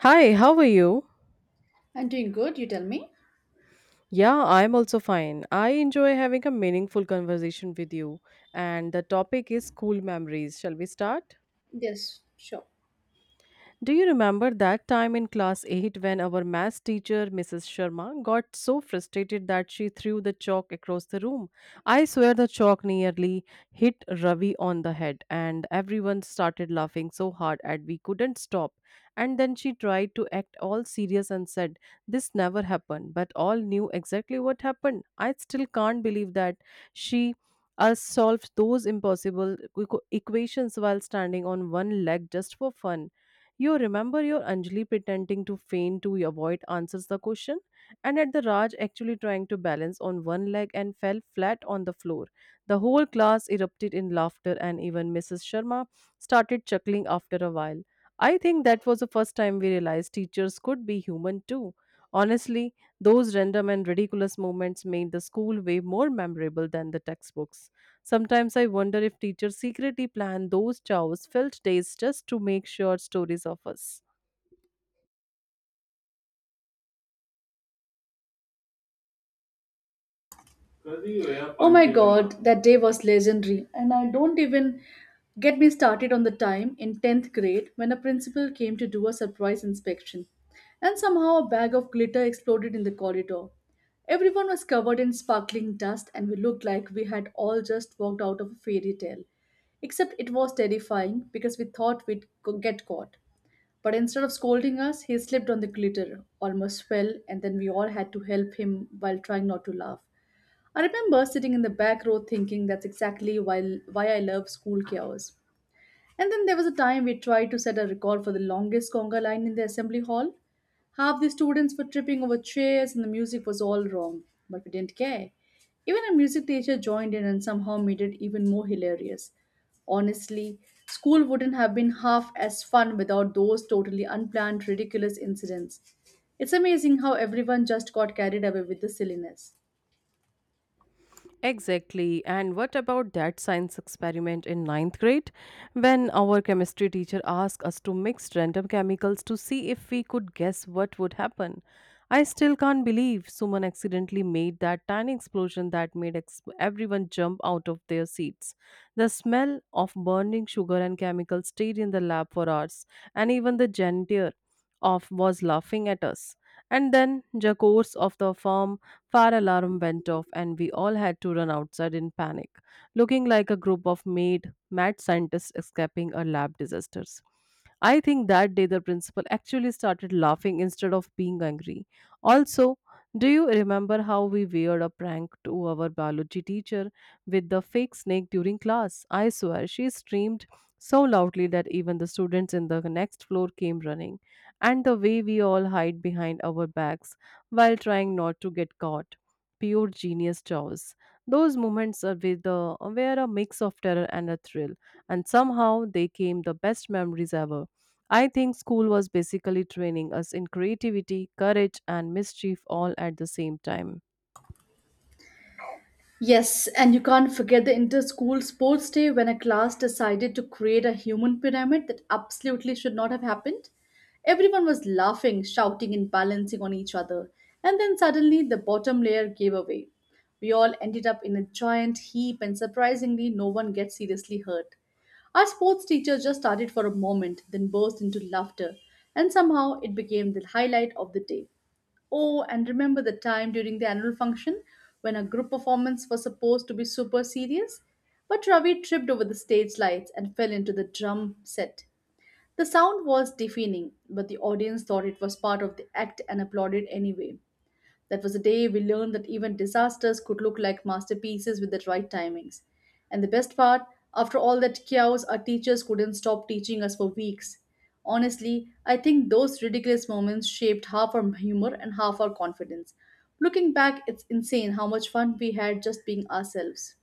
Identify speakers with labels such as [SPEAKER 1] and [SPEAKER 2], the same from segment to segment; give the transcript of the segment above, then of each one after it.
[SPEAKER 1] Hi, how are you?
[SPEAKER 2] I'm doing good, you tell me?
[SPEAKER 1] Yeah, I'm also fine. I enjoy having a meaningful conversation with you, and the topic is school memories. Shall we start?
[SPEAKER 2] Yes, sure.
[SPEAKER 1] Do you remember that time in class 8 when our maths teacher, Mrs. Sharma, got so frustrated that she threw the chalk across the room? I swear the chalk nearly hit Ravi on the head, and everyone started laughing so hard that we couldn't stop. And then she tried to act all serious and said, this never happened, but all knew exactly what happened. I still can't believe that she us solved those impossible equations while standing on one leg just for fun. You remember your Anjali pretending to faint to avoid answers the question, and at the Raj actually trying to balance on one leg and fell flat on the floor. The whole class erupted in laughter, and even Mrs. Sharma started chuckling after a while. I think that was the first time we realized teachers could be human too. Honestly, those random and ridiculous moments made the school way more memorable than the textbooks. Sometimes I wonder if teachers secretly plan those chows filled days just to make short stories of us.
[SPEAKER 2] Oh my god, that day was legendary. And I don't even get me started on the time in 10th grade when a principal came to do a surprise inspection. And somehow a bag of glitter exploded in the corridor. Everyone was covered in sparkling dust, and we looked like we had all just walked out of a fairy tale. Except it was terrifying because we thought we'd get caught. But instead of scolding us, he slipped on the glitter, almost fell, and then we all had to help him while trying not to laugh. I remember sitting in the back row thinking that's exactly why I love school chaos. And then there was a time we tried to set a record for the longest conga line in the assembly hall. Half the students were tripping over chairs and the music was all wrong, but we didn't care. Even a music teacher joined in and somehow made it even more hilarious. Honestly, school wouldn't have been half as fun without those totally unplanned, ridiculous incidents. It's amazing how everyone just got carried away with the silliness.
[SPEAKER 1] Exactly. And what about that science experiment in ninth grade, when our chemistry teacher asked us to mix random chemicals to see if we could guess what would happen? I still can't believe Suman accidentally made that tiny explosion that made everyone jump out of their seats. The smell of burning sugar and chemicals stayed in the lab for hours, and even the janitor of was laughing at us. And then Jakors of the firm fire alarm went off, and we all had to run outside in panic, looking like a group of mad scientists escaping a lab disasters. I think that day the principal actually started laughing instead of being angry. Also, do you remember how we weird a prank to our biology teacher with the fake snake during class? I swear she screamed so loudly that even the students in the next floor came running. And the way we all hide behind our bags while trying not to get caught. Pure genius chows. Those moments are with the, were a mix of terror and a thrill, and somehow they came the best memories ever. I think school was basically training us in creativity, courage, and mischief all at the same time.
[SPEAKER 2] Yes, and you can't forget the inter school sports day when a class decided to create a human pyramid that absolutely should not have happened. Everyone was laughing, shouting, and balancing on each other, and then suddenly the bottom layer gave away. We all ended up in a giant heap, and surprisingly, no one gets seriously hurt. Our sports teacher just started for a moment, then burst into laughter, and somehow it became the highlight of the day. Oh, and remember the time during the annual function when a group performance was supposed to be super serious? But Ravi tripped over the stage lights and fell into the drum set. The sound was deafening, but the audience thought it was part of the act and applauded anyway. That was the day we learned that even disasters could look like masterpieces with the right timings. And the best part, after all that chaos, our teachers couldn't stop teaching us for weeks. Honestly, I think those ridiculous moments shaped half our humor and half our confidence. Looking back, it's insane how much fun we had just being ourselves.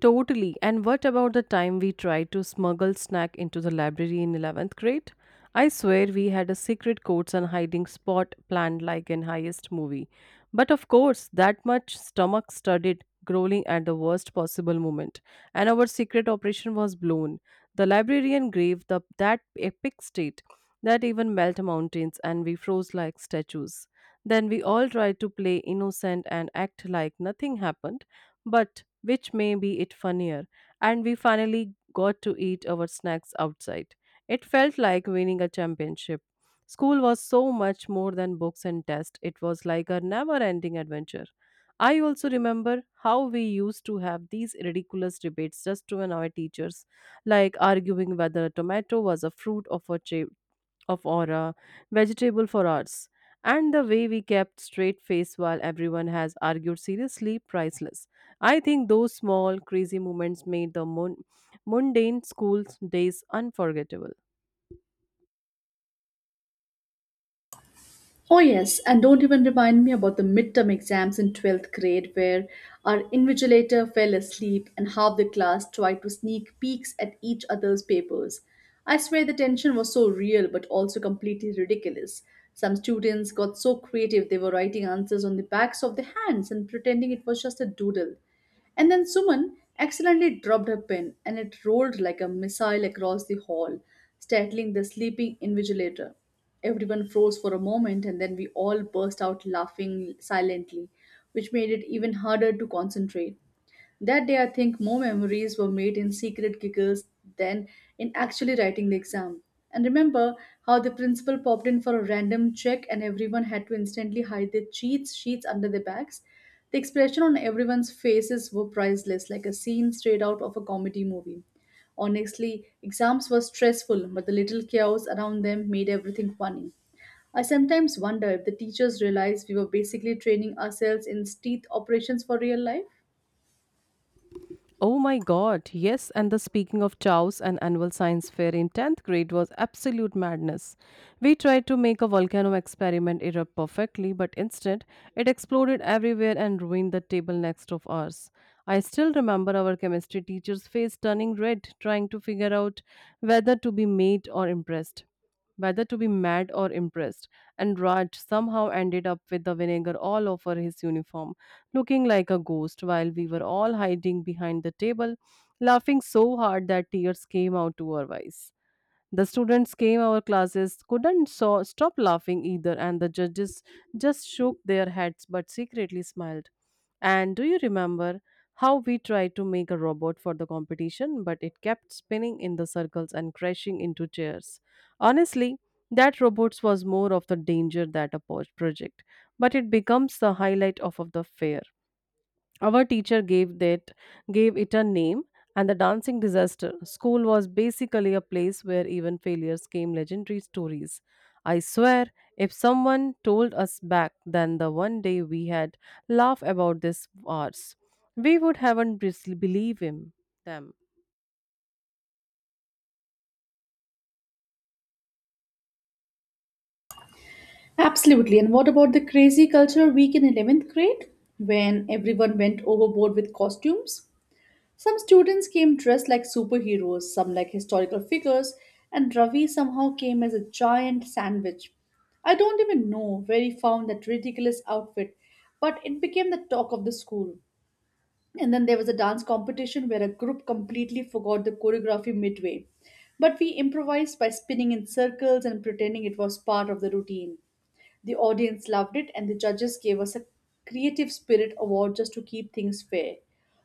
[SPEAKER 1] Totally. And what about the time we tried to smuggle snack into the library in 11th grade? I swear we had a secret codes and hiding spot planned like in highest movie. But of course, that much stomach studded growling at the worst possible moment and our secret operation was blown. The librarian gave the that epic state that even melt mountains, and we froze like statues. Then we all tried to play innocent and act like nothing happened but which may be it funnier. And we finally got to eat our snacks outside. It felt like winning a championship. School was so much more than books and tests. It was like a never ending adventure. I also remember how we used to have these ridiculous debates just to annoy teachers, like arguing whether a tomato was a fruit or a, cha- of aura, vegetable for arts, and the way we kept straight face while everyone has argued seriously priceless. I think those small crazy moments made the mundane school days unforgettable.
[SPEAKER 2] Oh, yes, and don't even remind me about the midterm exams in 12th grade where our invigilator fell asleep and half the class tried to sneak peeks at each other's papers. I swear the tension was so real but also completely ridiculous. Some students got so creative they were writing answers on the backs of their hands and pretending it was just a doodle. And then Suman accidentally dropped her pen and it rolled like a missile across the hall, startling the sleeping invigilator. Everyone froze for a moment and then we all burst out laughing silently, which made it even harder to concentrate. That day, I think more memories were made in secret giggles than in actually writing the exam. And remember how the principal popped in for a random check and everyone had to instantly hide their cheats sheets under their backs? The expression on everyone's faces were priceless, like a scene straight out of a comedy movie. Honestly, exams were stressful, but the little chaos around them made everything funny. I sometimes wonder if the teachers realized we were basically training ourselves in teeth operations for real life.
[SPEAKER 1] Oh my god, yes, and the speaking of chows, an annual science fair in 10th grade was absolute madness. We tried to make a volcano experiment erupt perfectly, but instead it exploded everywhere and ruined the table next of ours. I still remember our chemistry teacher's face turning red, trying to figure out whether to be made or impressed whether to be mad or impressed, and Raj somehow ended up with the vinegar all over his uniform, looking like a ghost while we were all hiding behind the table, laughing so hard that tears came out to our eyes. The students came our classes couldn't so stop laughing either, and the judges just shook their heads but secretly smiled. And do you remember how we tried to make a robot for the competition, but it kept spinning in the circles and crashing into chairs? Honestly, that robots was more of the danger that a project, but it becomes the highlight of the fair. Our teacher gave that gave it a name and the dancing disaster. School was basically a place where even failures came legendary stories. I swear, if someone told us back then the one day we had laugh about this hours, we would haven't believe him them.
[SPEAKER 2] Absolutely. And what about the crazy culture week in 11th grade when everyone went overboard with costumes? Some students came dressed like superheroes, some like historical figures, and Ravi somehow came as a giant sandwich. I don't even know where he found that ridiculous outfit, but it became the talk of the school. And then there was a dance competition where a group completely forgot the choreography midway. But we improvised by spinning in circles and pretending it was part of the routine. The audience loved it, and the judges gave us a Creative Spirit Award just to keep things fair.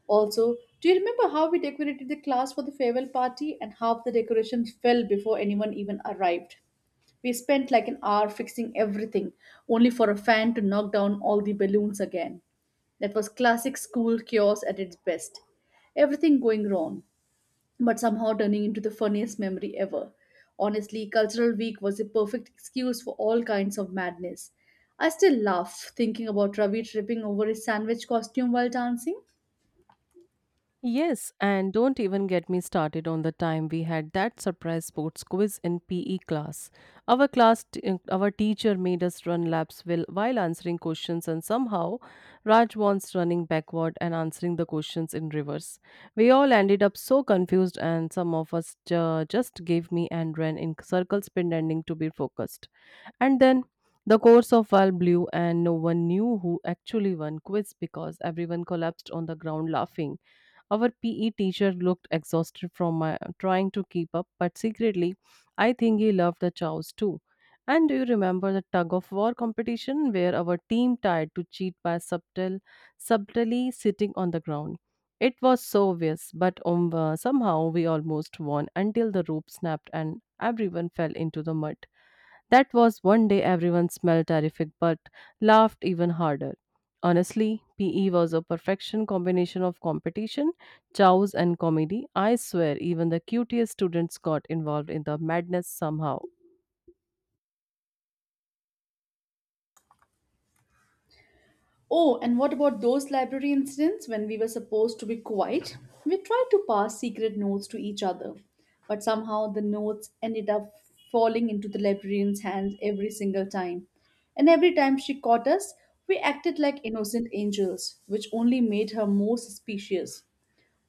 [SPEAKER 2] Also, do you remember how we decorated the class for the farewell party and half the decorations fell before anyone even arrived? We spent like an hour fixing everything, only for a fan to knock down all the balloons again. That was classic school chaos at its best. Everything going wrong but somehow turning into the funniest memory ever. Honestly, Cultural Week was a perfect excuse for all kinds of madness. I still laugh thinking about Ravi tripping over his sandwich costume while dancing.
[SPEAKER 1] Yes, and don't even get me started on the time we had that surprise sports quiz in PE class. Our class, our teacher made us run laps while answering questions, and somehow Raj wants running backward and answering the questions in reverse. We all ended up so confused, and some of us just gave me and ran in circles, pretending to be focused. And then the course of all blew, and no one knew who actually won quiz because everyone collapsed on the ground laughing. Our PE teacher looked exhausted from my trying to keep up, but secretly, I think he loved the chows too. And do you remember the tug of war competition where our team tried to cheat by subtly sitting on the ground? It was so obvious, but somehow we almost won until the rope snapped and everyone fell into the mud. That was one day everyone smelled terrific but laughed even harder. Honestly, PE was a perfection combination of competition, chows, and comedy. I swear, even the cutest students got involved in the madness somehow.
[SPEAKER 2] Oh, and what about those library incidents when we were supposed to be quiet? We tried to pass secret notes to each other, but somehow the notes ended up falling into the librarian's hands every single time. And every time she caught us, we acted like innocent angels, which only made her more suspicious.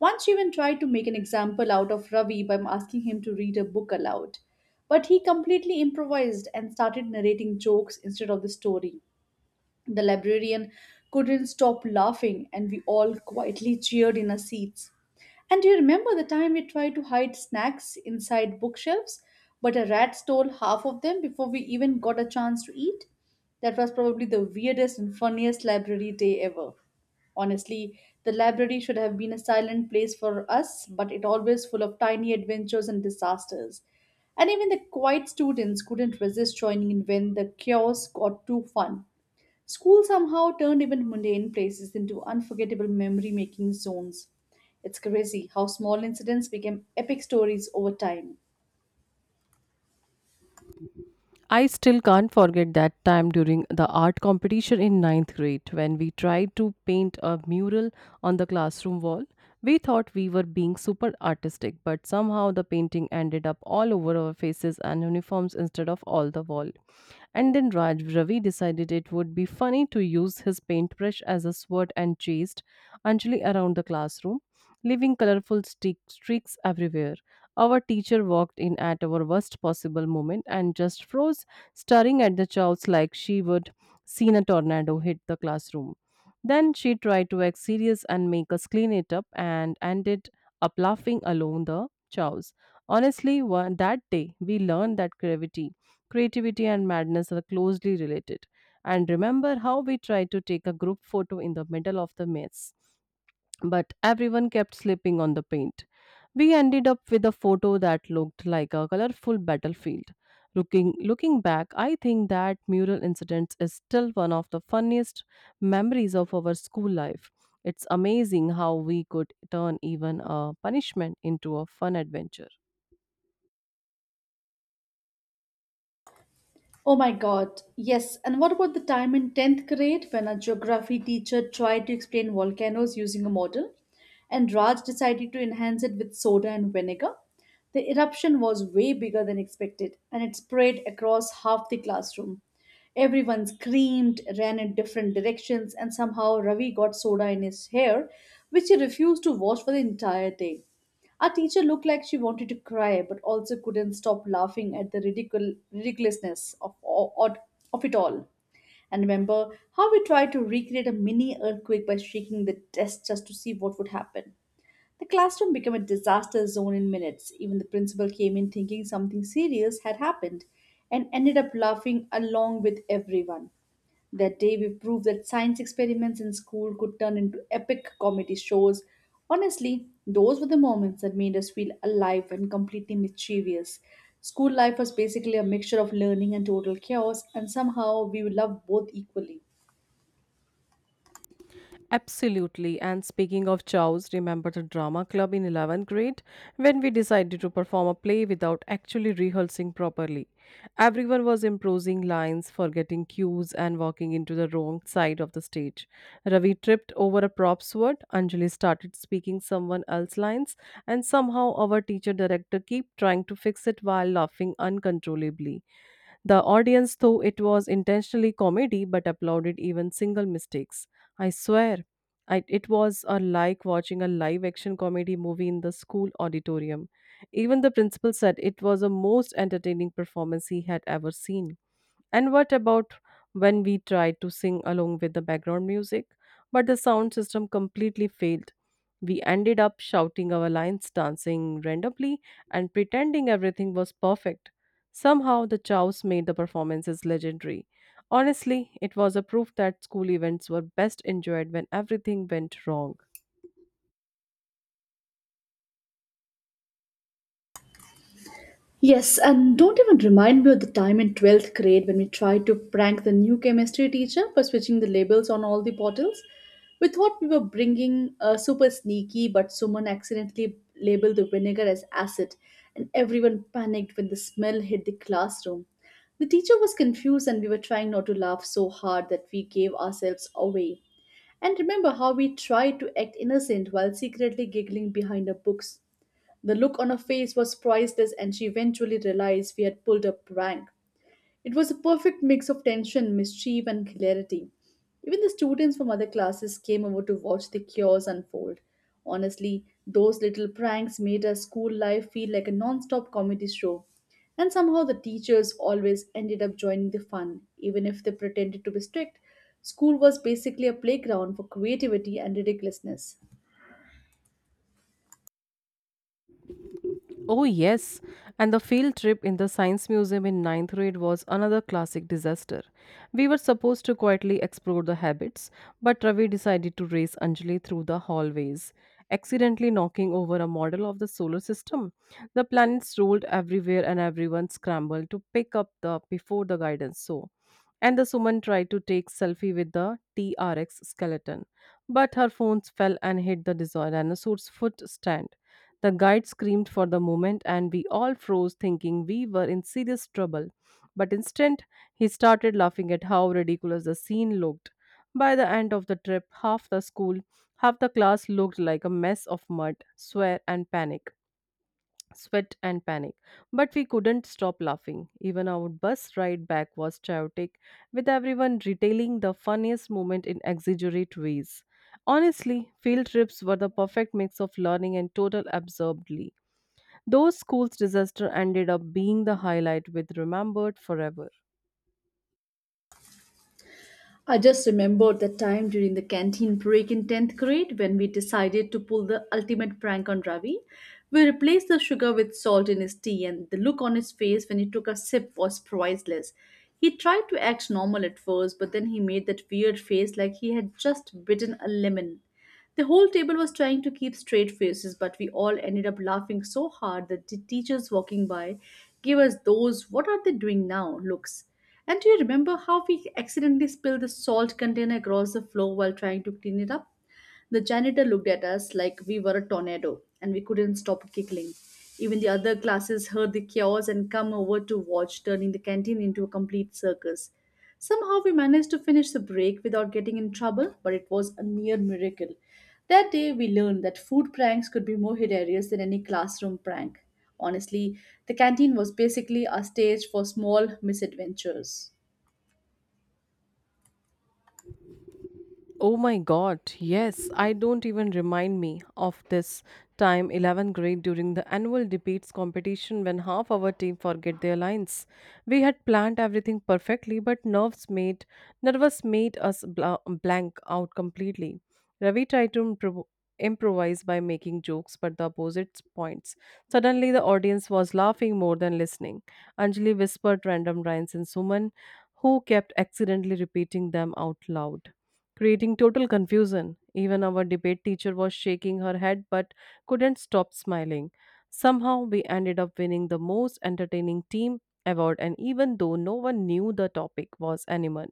[SPEAKER 2] Once she even tried to make an example out of Ravi by asking him to read a book aloud, but he completely improvised and started narrating jokes instead of the story. The librarian couldn't stop laughing, and we all quietly cheered in our seats. And do you remember the time we tried to hide snacks inside bookshelves, but a rat stole half of them before we even got a chance to eat? That was probably the weirdest and funniest library day ever. Honestly, the library should have been a silent place for us, but it always full of tiny adventures and disasters. And even the quiet students couldn't resist joining in when the chaos got too fun. School somehow turned even mundane places into unforgettable memory making zones. It's crazy how small incidents became epic stories over time.
[SPEAKER 1] I still can't forget that time during the art competition in ninth grade when we tried to paint a mural on the classroom wall. We thought we were being super artistic, but somehow the painting ended up all over our faces and uniforms instead of all the wall. And then Raj Ravi decided it would be funny to use his paintbrush as a sword and chased Anjali around the classroom, leaving colorful streaks everywhere. Our teacher walked in at our worst possible moment and just froze, staring at the chows like she would seen a tornado hit the classroom. Then she tried to act serious and make us clean it up and ended up laughing alone the chows. Honestly, one, that day we learned that creativity and madness are closely related. And remember how we tried to take a group photo in the middle of the mess but everyone kept slipping on the paint. We ended up with a photo that looked like a colorful battlefield. Looking back, I think that mural incident is still one of the funniest memories of our school life. It's amazing how we could turn even a punishment into a fun adventure.
[SPEAKER 2] Oh my god, yes. And what about the time in 10th grade when our geography teacher tried to explain volcanoes using a model and Raj decided to enhance it with soda and vinegar? The eruption was way bigger than expected and it spread across half the classroom. Everyone screamed, ran in different directions, and somehow Ravi got soda in his hair, which he refused to wash for the entire day. Our teacher looked like she wanted to cry, but also couldn't stop laughing at the ridiculousness of it all. And remember how we tried to recreate a mini earthquake by shaking the desk just to see what would happen. The classroom became a disaster zone in minutes. Even the principal came in thinking something serious had happened and ended up laughing along with everyone. That day, we proved that science experiments in school could turn into epic comedy shows. Honestly, those were the moments that made us feel alive and completely mischievous. School life was basically a mixture of learning and total chaos, and somehow we loved both equally.
[SPEAKER 1] Absolutely. And speaking of chows, remember the drama club in 11th grade when we decided to perform a play without actually rehearsing properly? Everyone was improvising lines, forgetting cues, and walking into the wrong side of the stage. Ravi tripped over a prop sword, Anjali started speaking someone else's lines, and somehow our teacher director kept trying to fix it while laughing uncontrollably. The audience, though it was intentionally comedy, but applauded even single mistakes. I swear, it was a like watching a live action comedy movie in the school auditorium. Even the principal said it was the most entertaining performance he had ever seen. And what about when we tried to sing along with the background music, but the sound system completely failed? We ended up shouting our lines, dancing randomly, and pretending everything was perfect. Somehow, the chows made the performances legendary. Honestly, it was a proof that school events were best enjoyed when everything went wrong.
[SPEAKER 2] Yes, and don't even remind me of the time in 12th grade when we tried to prank the new chemistry teacher by switching the labels on all the bottles. We thought we were bringing super sneaky, but someone accidentally labeled the vinegar as acid, and everyone panicked when the smell hit the classroom. The teacher was confused, and we were trying not to laugh so hard that we gave ourselves away. And remember how we tried to act innocent while secretly giggling behind our books. The look on her face was priceless, and she eventually realized we had pulled a prank. It was a perfect mix of tension, mischief, and hilarity. Even the students from other classes came over to watch the chaos unfold. Honestly, those little pranks made our school life feel like a non stop comedy show. And somehow the teachers always ended up joining the fun, even if they pretended to be strict. School was basically a playground for creativity and ridiculousness.
[SPEAKER 1] Oh, yes. And the field trip in the Science Museum in ninth grade was another classic disaster. We were supposed to quietly explore the habits, but Ravi decided to race Anjali through the hallways, accidentally knocking over a model of the solar system. The planets rolled everywhere and everyone scrambled to pick up the before the guidance. So and the woman tried to take selfie with the TRX skeleton, but her phones fell and hit the dinosaur's foot stand. The guide screamed for the moment, and we all froze, thinking we were in serious trouble. But instant, he started laughing at how ridiculous the scene looked. By the end of the trip, half the class looked like a mess of mud, swear, and panic sweat and panic. But we couldn't stop laughing. Even our bus ride back was chaotic, with everyone retailing the funniest moment in exaggerate ways. Honestly, field trips were the perfect mix of learning and total absurdly. Those school's disaster ended up being the highlight with remembered forever.
[SPEAKER 2] I just remembered the time during the canteen break in 10th grade when we decided to pull the ultimate prank on Ravi. We replaced the sugar with salt in his tea, and the look on his face when he took a sip was priceless. He tried to act normal at first, but then he made that weird face like he had just bitten a lemon. The whole table was trying to keep straight faces, but we all ended up laughing so hard that the teachers walking by gave us those what are they doing now looks. And do you remember how we accidentally spilled the salt container across the floor while trying to clean it up? The janitor looked at us like we were a tornado and we couldn't stop giggling. Even the other classes heard the chaos and come over to watch, turning the canteen into a complete circus. Somehow we managed to finish the break without getting in trouble, but it was a near miracle. That day we learned that food pranks could be more hilarious than any classroom prank. Honestly, the canteen was basically a stage for small misadventures.
[SPEAKER 1] Oh my god, yes, I don't even remind me of this time 11th grade during the annual debates competition when half our team forget their lines. We had planned everything perfectly but nerves made nervous made us blank out completely. Ravi tried to improvise by making jokes but the opposite points. Suddenly the audience was laughing more than listening. Anjali whispered random rhymes and Suman who kept accidentally repeating them out loud creating total confusion. Even our debate teacher was shaking her head but couldn't stop smiling. Somehow, we ended up winning the most entertaining team award, and even though no one knew the topic was animal,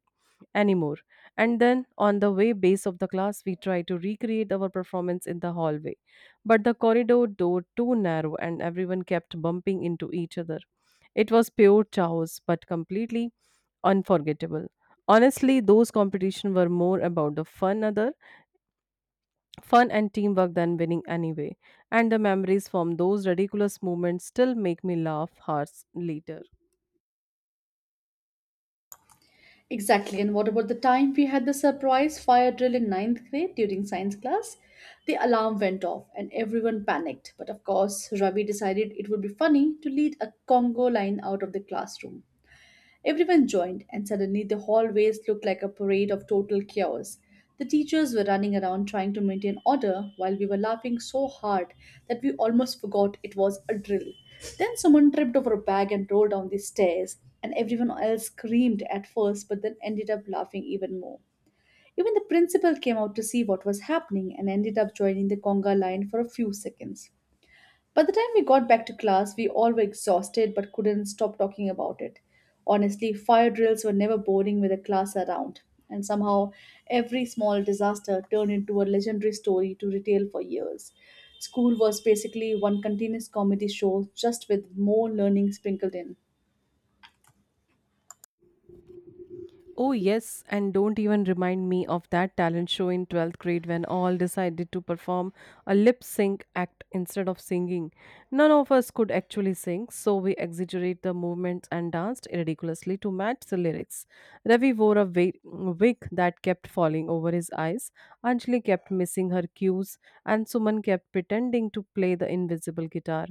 [SPEAKER 1] anymore. And then on the way base of the class, we try to recreate our performance in the hallway. But the corridor door too narrow and everyone kept bumping into each other. It was pure chaos, but completely unforgettable. Honestly, those competitions were more about the fun and teamwork than winning anyway. And the memories from those ridiculous moments still make me laugh hours later.
[SPEAKER 2] Exactly, and what about the time we had the surprise fire drill in ninth grade during science class? The alarm went off and everyone panicked, but of course, Ravi decided it would be funny to lead a Congo line out of the classroom. Everyone joined, and suddenly the hallways looked like a parade of total chaos. The teachers were running around trying to maintain order while we were laughing so hard that we almost forgot it was a drill. Then someone tripped over a bag and rolled down the stairs, and everyone else screamed at first but then ended up laughing even more. Even the principal came out to see what was happening and ended up joining the conga line for a few seconds. By the time we got back to class, we all were exhausted but couldn't stop talking about it. Honestly, fire drills were never boring with a class around, and somehow every small disaster turned into a legendary story to retell for years. School was basically one continuous comedy show, just with more learning sprinkled in.
[SPEAKER 1] Oh, yes, and don't even remind me of that talent show in 12th grade when all decided to perform a lip sync act instead of singing. None of us could actually sing, so we exaggerate the movements and danced ridiculously to match the lyrics. Ravi wore a wig that kept falling over his eyes, Anjali kept missing her cues, and Suman kept pretending to play the invisible guitar.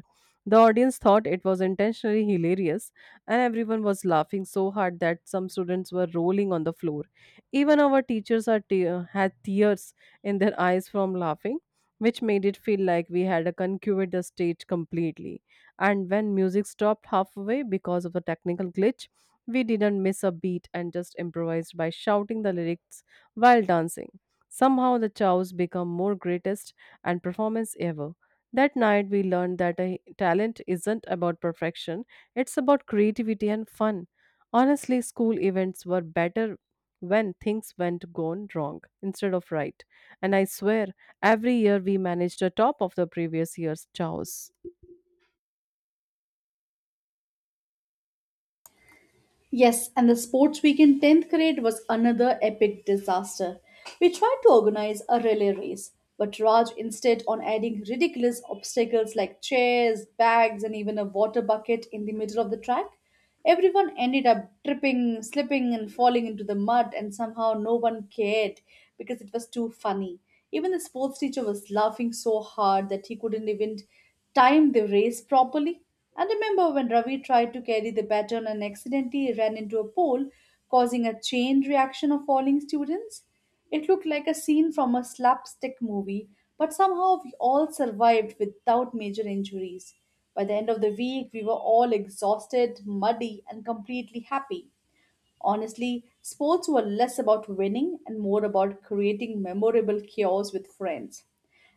[SPEAKER 1] The audience thought it was intentionally hilarious, and everyone was laughing so hard that some students were rolling on the floor. Even our teachers are had tears in their eyes from laughing, which made it feel like we had a conquered the stage completely. And when music stopped halfway because of a technical glitch, we didn't miss a beat and just improvised by shouting the lyrics while dancing. Somehow the chows become more greatest and performance ever. That night we learned that a talent isn't about perfection, it's about creativity and fun. Honestly, school events were better when things went gone wrong instead of right. And I swear, every year we managed the top of the previous year's chaos.
[SPEAKER 2] Yes, and the sports week in 10th grade was another epic disaster. We tried to organize a relay race, but Raj insisted on adding ridiculous obstacles like chairs, bags, and even a water bucket in the middle of the track. Everyone ended up tripping, slipping, and falling into the mud, and somehow no one cared because it was too funny. Even the sports teacher was laughing so hard that he couldn't even timed the race properly. And remember when Ravi tried to carry the baton and accidentally ran into a pole, causing a chain reaction of falling students? It looked like a scene from a slapstick movie, but somehow we all survived without major injuries. By the end of the week, we were all exhausted, muddy, and completely happy. Honestly, sports were less about winning and more about creating memorable cures with friends.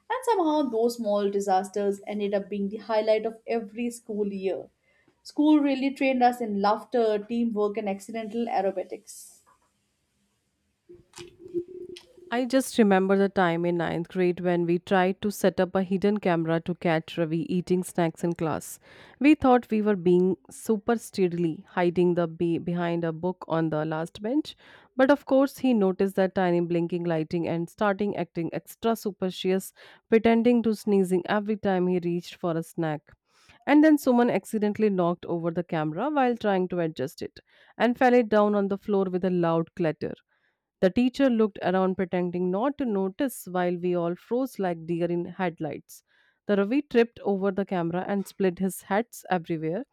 [SPEAKER 2] And somehow, those small disasters ended up being the highlight of every school year. School really trained us in laughter, teamwork, and accidental aerobatics.
[SPEAKER 1] I just remember the time in ninth grade when we tried to set up a hidden camera to catch Ravi eating snacks in class. We thought we were being super steadily hiding the behind a book on the last bench, but of course he noticed that tiny blinking lighting and starting acting extra superstitious, pretending to sneezing every time he reached for a snack. And then someone accidentally knocked over the camera while trying to adjust it and fell it down on the floor with a loud clatter. The teacher looked around, pretending not to notice, while we all froze like deer in headlights. The Ravi tripped over the camera and split his hats everywhere,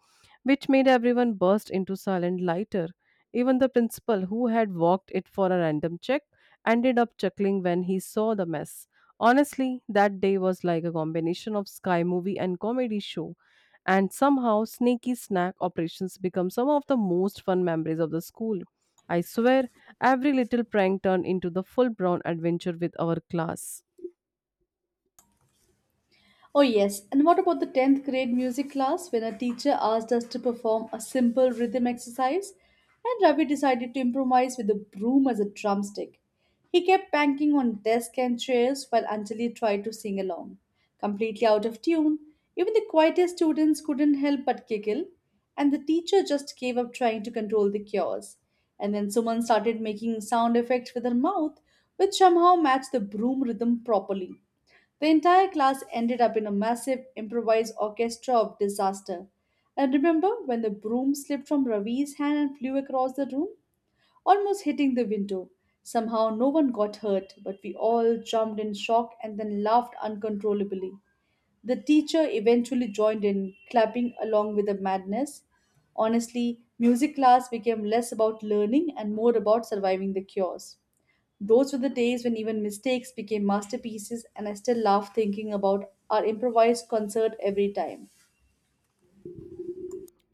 [SPEAKER 1] which made everyone burst into silent laughter. Even the principal, who had walked it for a random check, ended up chuckling when he saw the mess. Honestly, that day was like a combination of Sky movie and comedy show, and somehow sneaky snack operations become some of the most fun memories of the school. I swear, every little prank turned into the full blown adventure with our class.
[SPEAKER 2] Oh, yes. And what about the 10th grade music class when a teacher asked us to perform a simple rhythm exercise and Ravi decided to improvise with a broom as a drumstick? He kept banging on desk and chairs while Anjali tried to sing along. Completely out of tune, even the quietest students couldn't help but giggle, and the teacher just gave up trying to control the chaos. And then Suman started making sound effects with her mouth, which somehow matched the broom rhythm properly. The entire class ended up in a massive improvised orchestra of disaster. And remember when the broom slipped from Ravi's hand and flew across the room, almost hitting the window. Somehow no one got hurt, but we all jumped in shock and then laughed uncontrollably. The teacher eventually joined in, clapping along with the madness. Honestly, music class became less about learning and more about surviving the chaos. Those were the days when even mistakes became masterpieces, and I still love thinking about our improvised concert every time.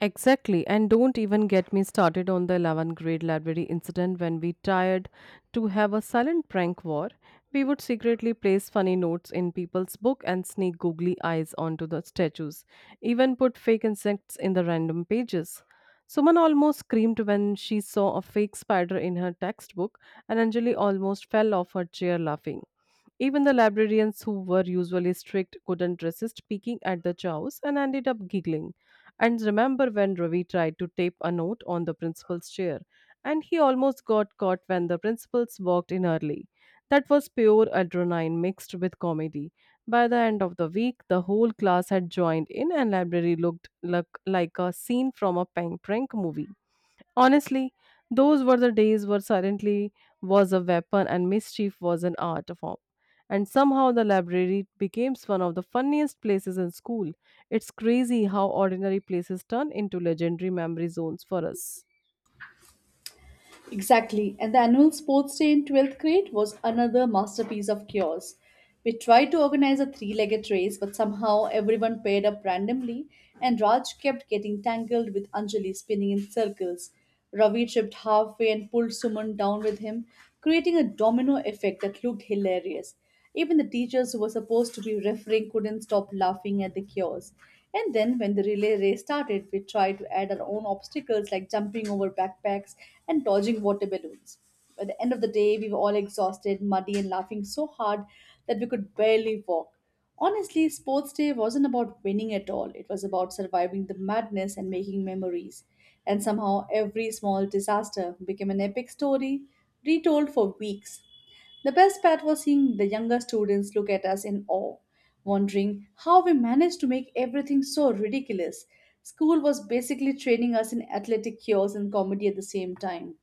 [SPEAKER 1] Exactly, and don't even get me started on the 11th grade library incident when we tried to have a silent prank war. We would secretly place funny notes in people's book and sneak googly eyes onto the statues, even put fake insects in the random pages. Suman almost screamed when she saw a fake spider in her textbook, and Anjali almost fell off her chair laughing. Even the librarians, who were usually strict, couldn't resist peeking at the chows and ended up giggling. And remember when Ravi tried to tape a note on the principal's chair, and he almost got caught when the principals walked in early. That was pure adrenaline mixed with comedy. By the end of the week, the whole class had joined in, and library looked like a scene from a prank movie. Honestly, those were the days where silently was a weapon and mischief was an art form. And somehow the library became one of the funniest places in school. It's crazy how ordinary places turn into legendary memory zones for us.
[SPEAKER 2] Exactly, and the annual sports day in 12th grade was another masterpiece of chaos. We tried to organize a three legged race, but somehow everyone paired up randomly, and Raj kept getting tangled with Anjali spinning in circles. Ravi tripped halfway and pulled Suman down with him, creating a domino effect that looked hilarious. Even the teachers who were supposed to be refereeing couldn't stop laughing at the chaos. And then, when the relay race started, we tried to add our own obstacles like jumping over backpacks and dodging water balloons. By the end of the day, we were all exhausted, muddy, and laughing so hard that we could barely walk. Honestly, Sports Day wasn't about winning at all. It was about surviving the madness and making memories. And somehow, every small disaster became an epic story retold for weeks. The best part was seeing the younger students look at us in awe, wondering how we managed to make everything so ridiculous. School was basically training us in athletic cures and comedy at the same time.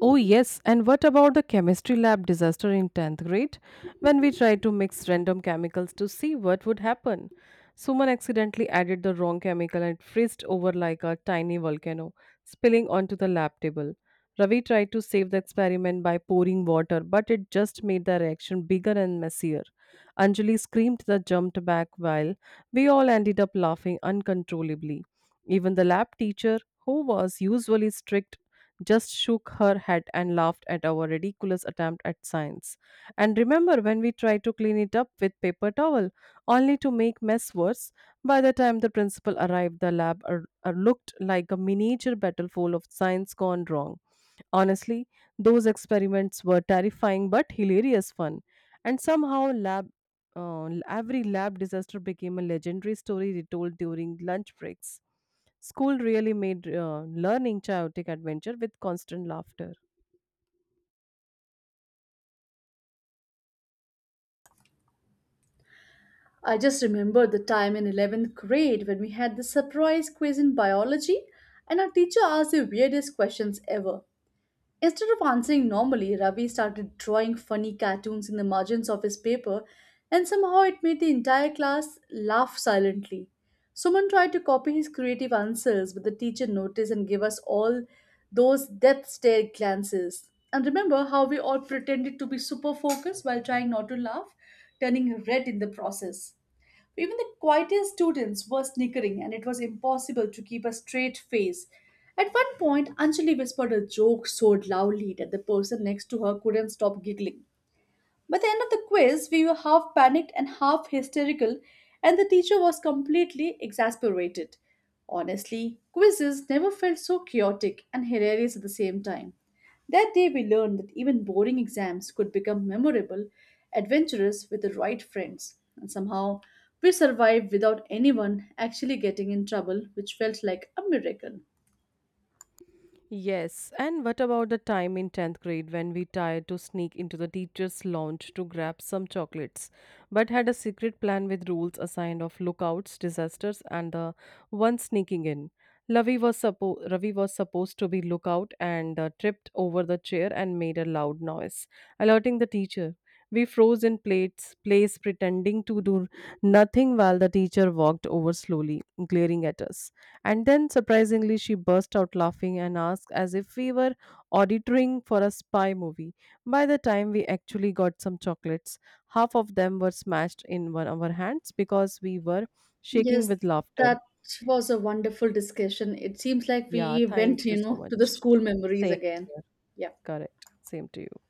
[SPEAKER 1] Oh, yes. And what about the chemistry lab disaster in 10th grade when we tried to mix random chemicals to see what would happen? Suman accidentally added the wrong chemical and it frizzed over like a tiny volcano, spilling onto the lab table. Ravi tried to save the experiment by pouring water, but it just made the reaction bigger and messier. Anjali screamed and jumped back while we all ended up laughing uncontrollably. Even the lab teacher, who was usually strict, just shook her head and laughed at our ridiculous attempt at science. And remember when we tried to clean it up with paper towel, only to make mess worse. By the time the principal arrived, the lab looked like a miniature battle of science gone wrong. Honestly, those experiments were terrifying but hilarious fun. And somehow, every lab disaster became a legendary story retold during lunch breaks. School really made learning chaotic adventure with constant laughter.
[SPEAKER 2] I just remember the time in 11th grade when we had the surprise quiz in biology and our teacher asked the weirdest questions ever. Instead of answering normally, Ravi started drawing funny cartoons in the margins of his paper, and somehow it made the entire class laugh silently. Suman tried to copy his creative answers, but the teacher noticed and gave us all those death stare glances. And remember how we all pretended to be super focused while trying not to laugh, turning red in the process. Even the quietest students were snickering, and it was impossible to keep a straight face. At one point, Anjali whispered a joke so loudly that the person next to her couldn't stop giggling. By the end of the quiz, we were half panicked and half hysterical, and the teacher was completely exasperated. Honestly, quizzes never felt so chaotic and hilarious at the same time. That day, we learned that even boring exams could become memorable, adventurous with the right friends. And somehow, we survived without anyone actually getting in trouble, which felt like a miracle.
[SPEAKER 1] Yes, and what about the time in 10th grade when we tried to sneak into the teacher's lounge to grab some chocolates, but had a secret plan with rules assigned of lookouts, disasters, and the one sneaking in? Ravi was supposed to be lookout and tripped over the chair and made a loud noise, alerting the teacher. We froze in place pretending to do nothing while the teacher walked over slowly, glaring at us. And then surprisingly, she burst out laughing and asked as if we were auditoring for a spy movie. By the time we actually got some chocolates, half of them were smashed in one of our hands because we were shaking
[SPEAKER 2] Yes,
[SPEAKER 1] with laughter.
[SPEAKER 2] that was a wonderful discussion. It seems like
[SPEAKER 1] Yeah,
[SPEAKER 2] we went,
[SPEAKER 1] thank you
[SPEAKER 2] you
[SPEAKER 1] so
[SPEAKER 2] know, to the
[SPEAKER 1] much.
[SPEAKER 2] school memories
[SPEAKER 1] Same
[SPEAKER 2] again.
[SPEAKER 1] here.
[SPEAKER 2] Yeah.
[SPEAKER 1] Correct. Same to you.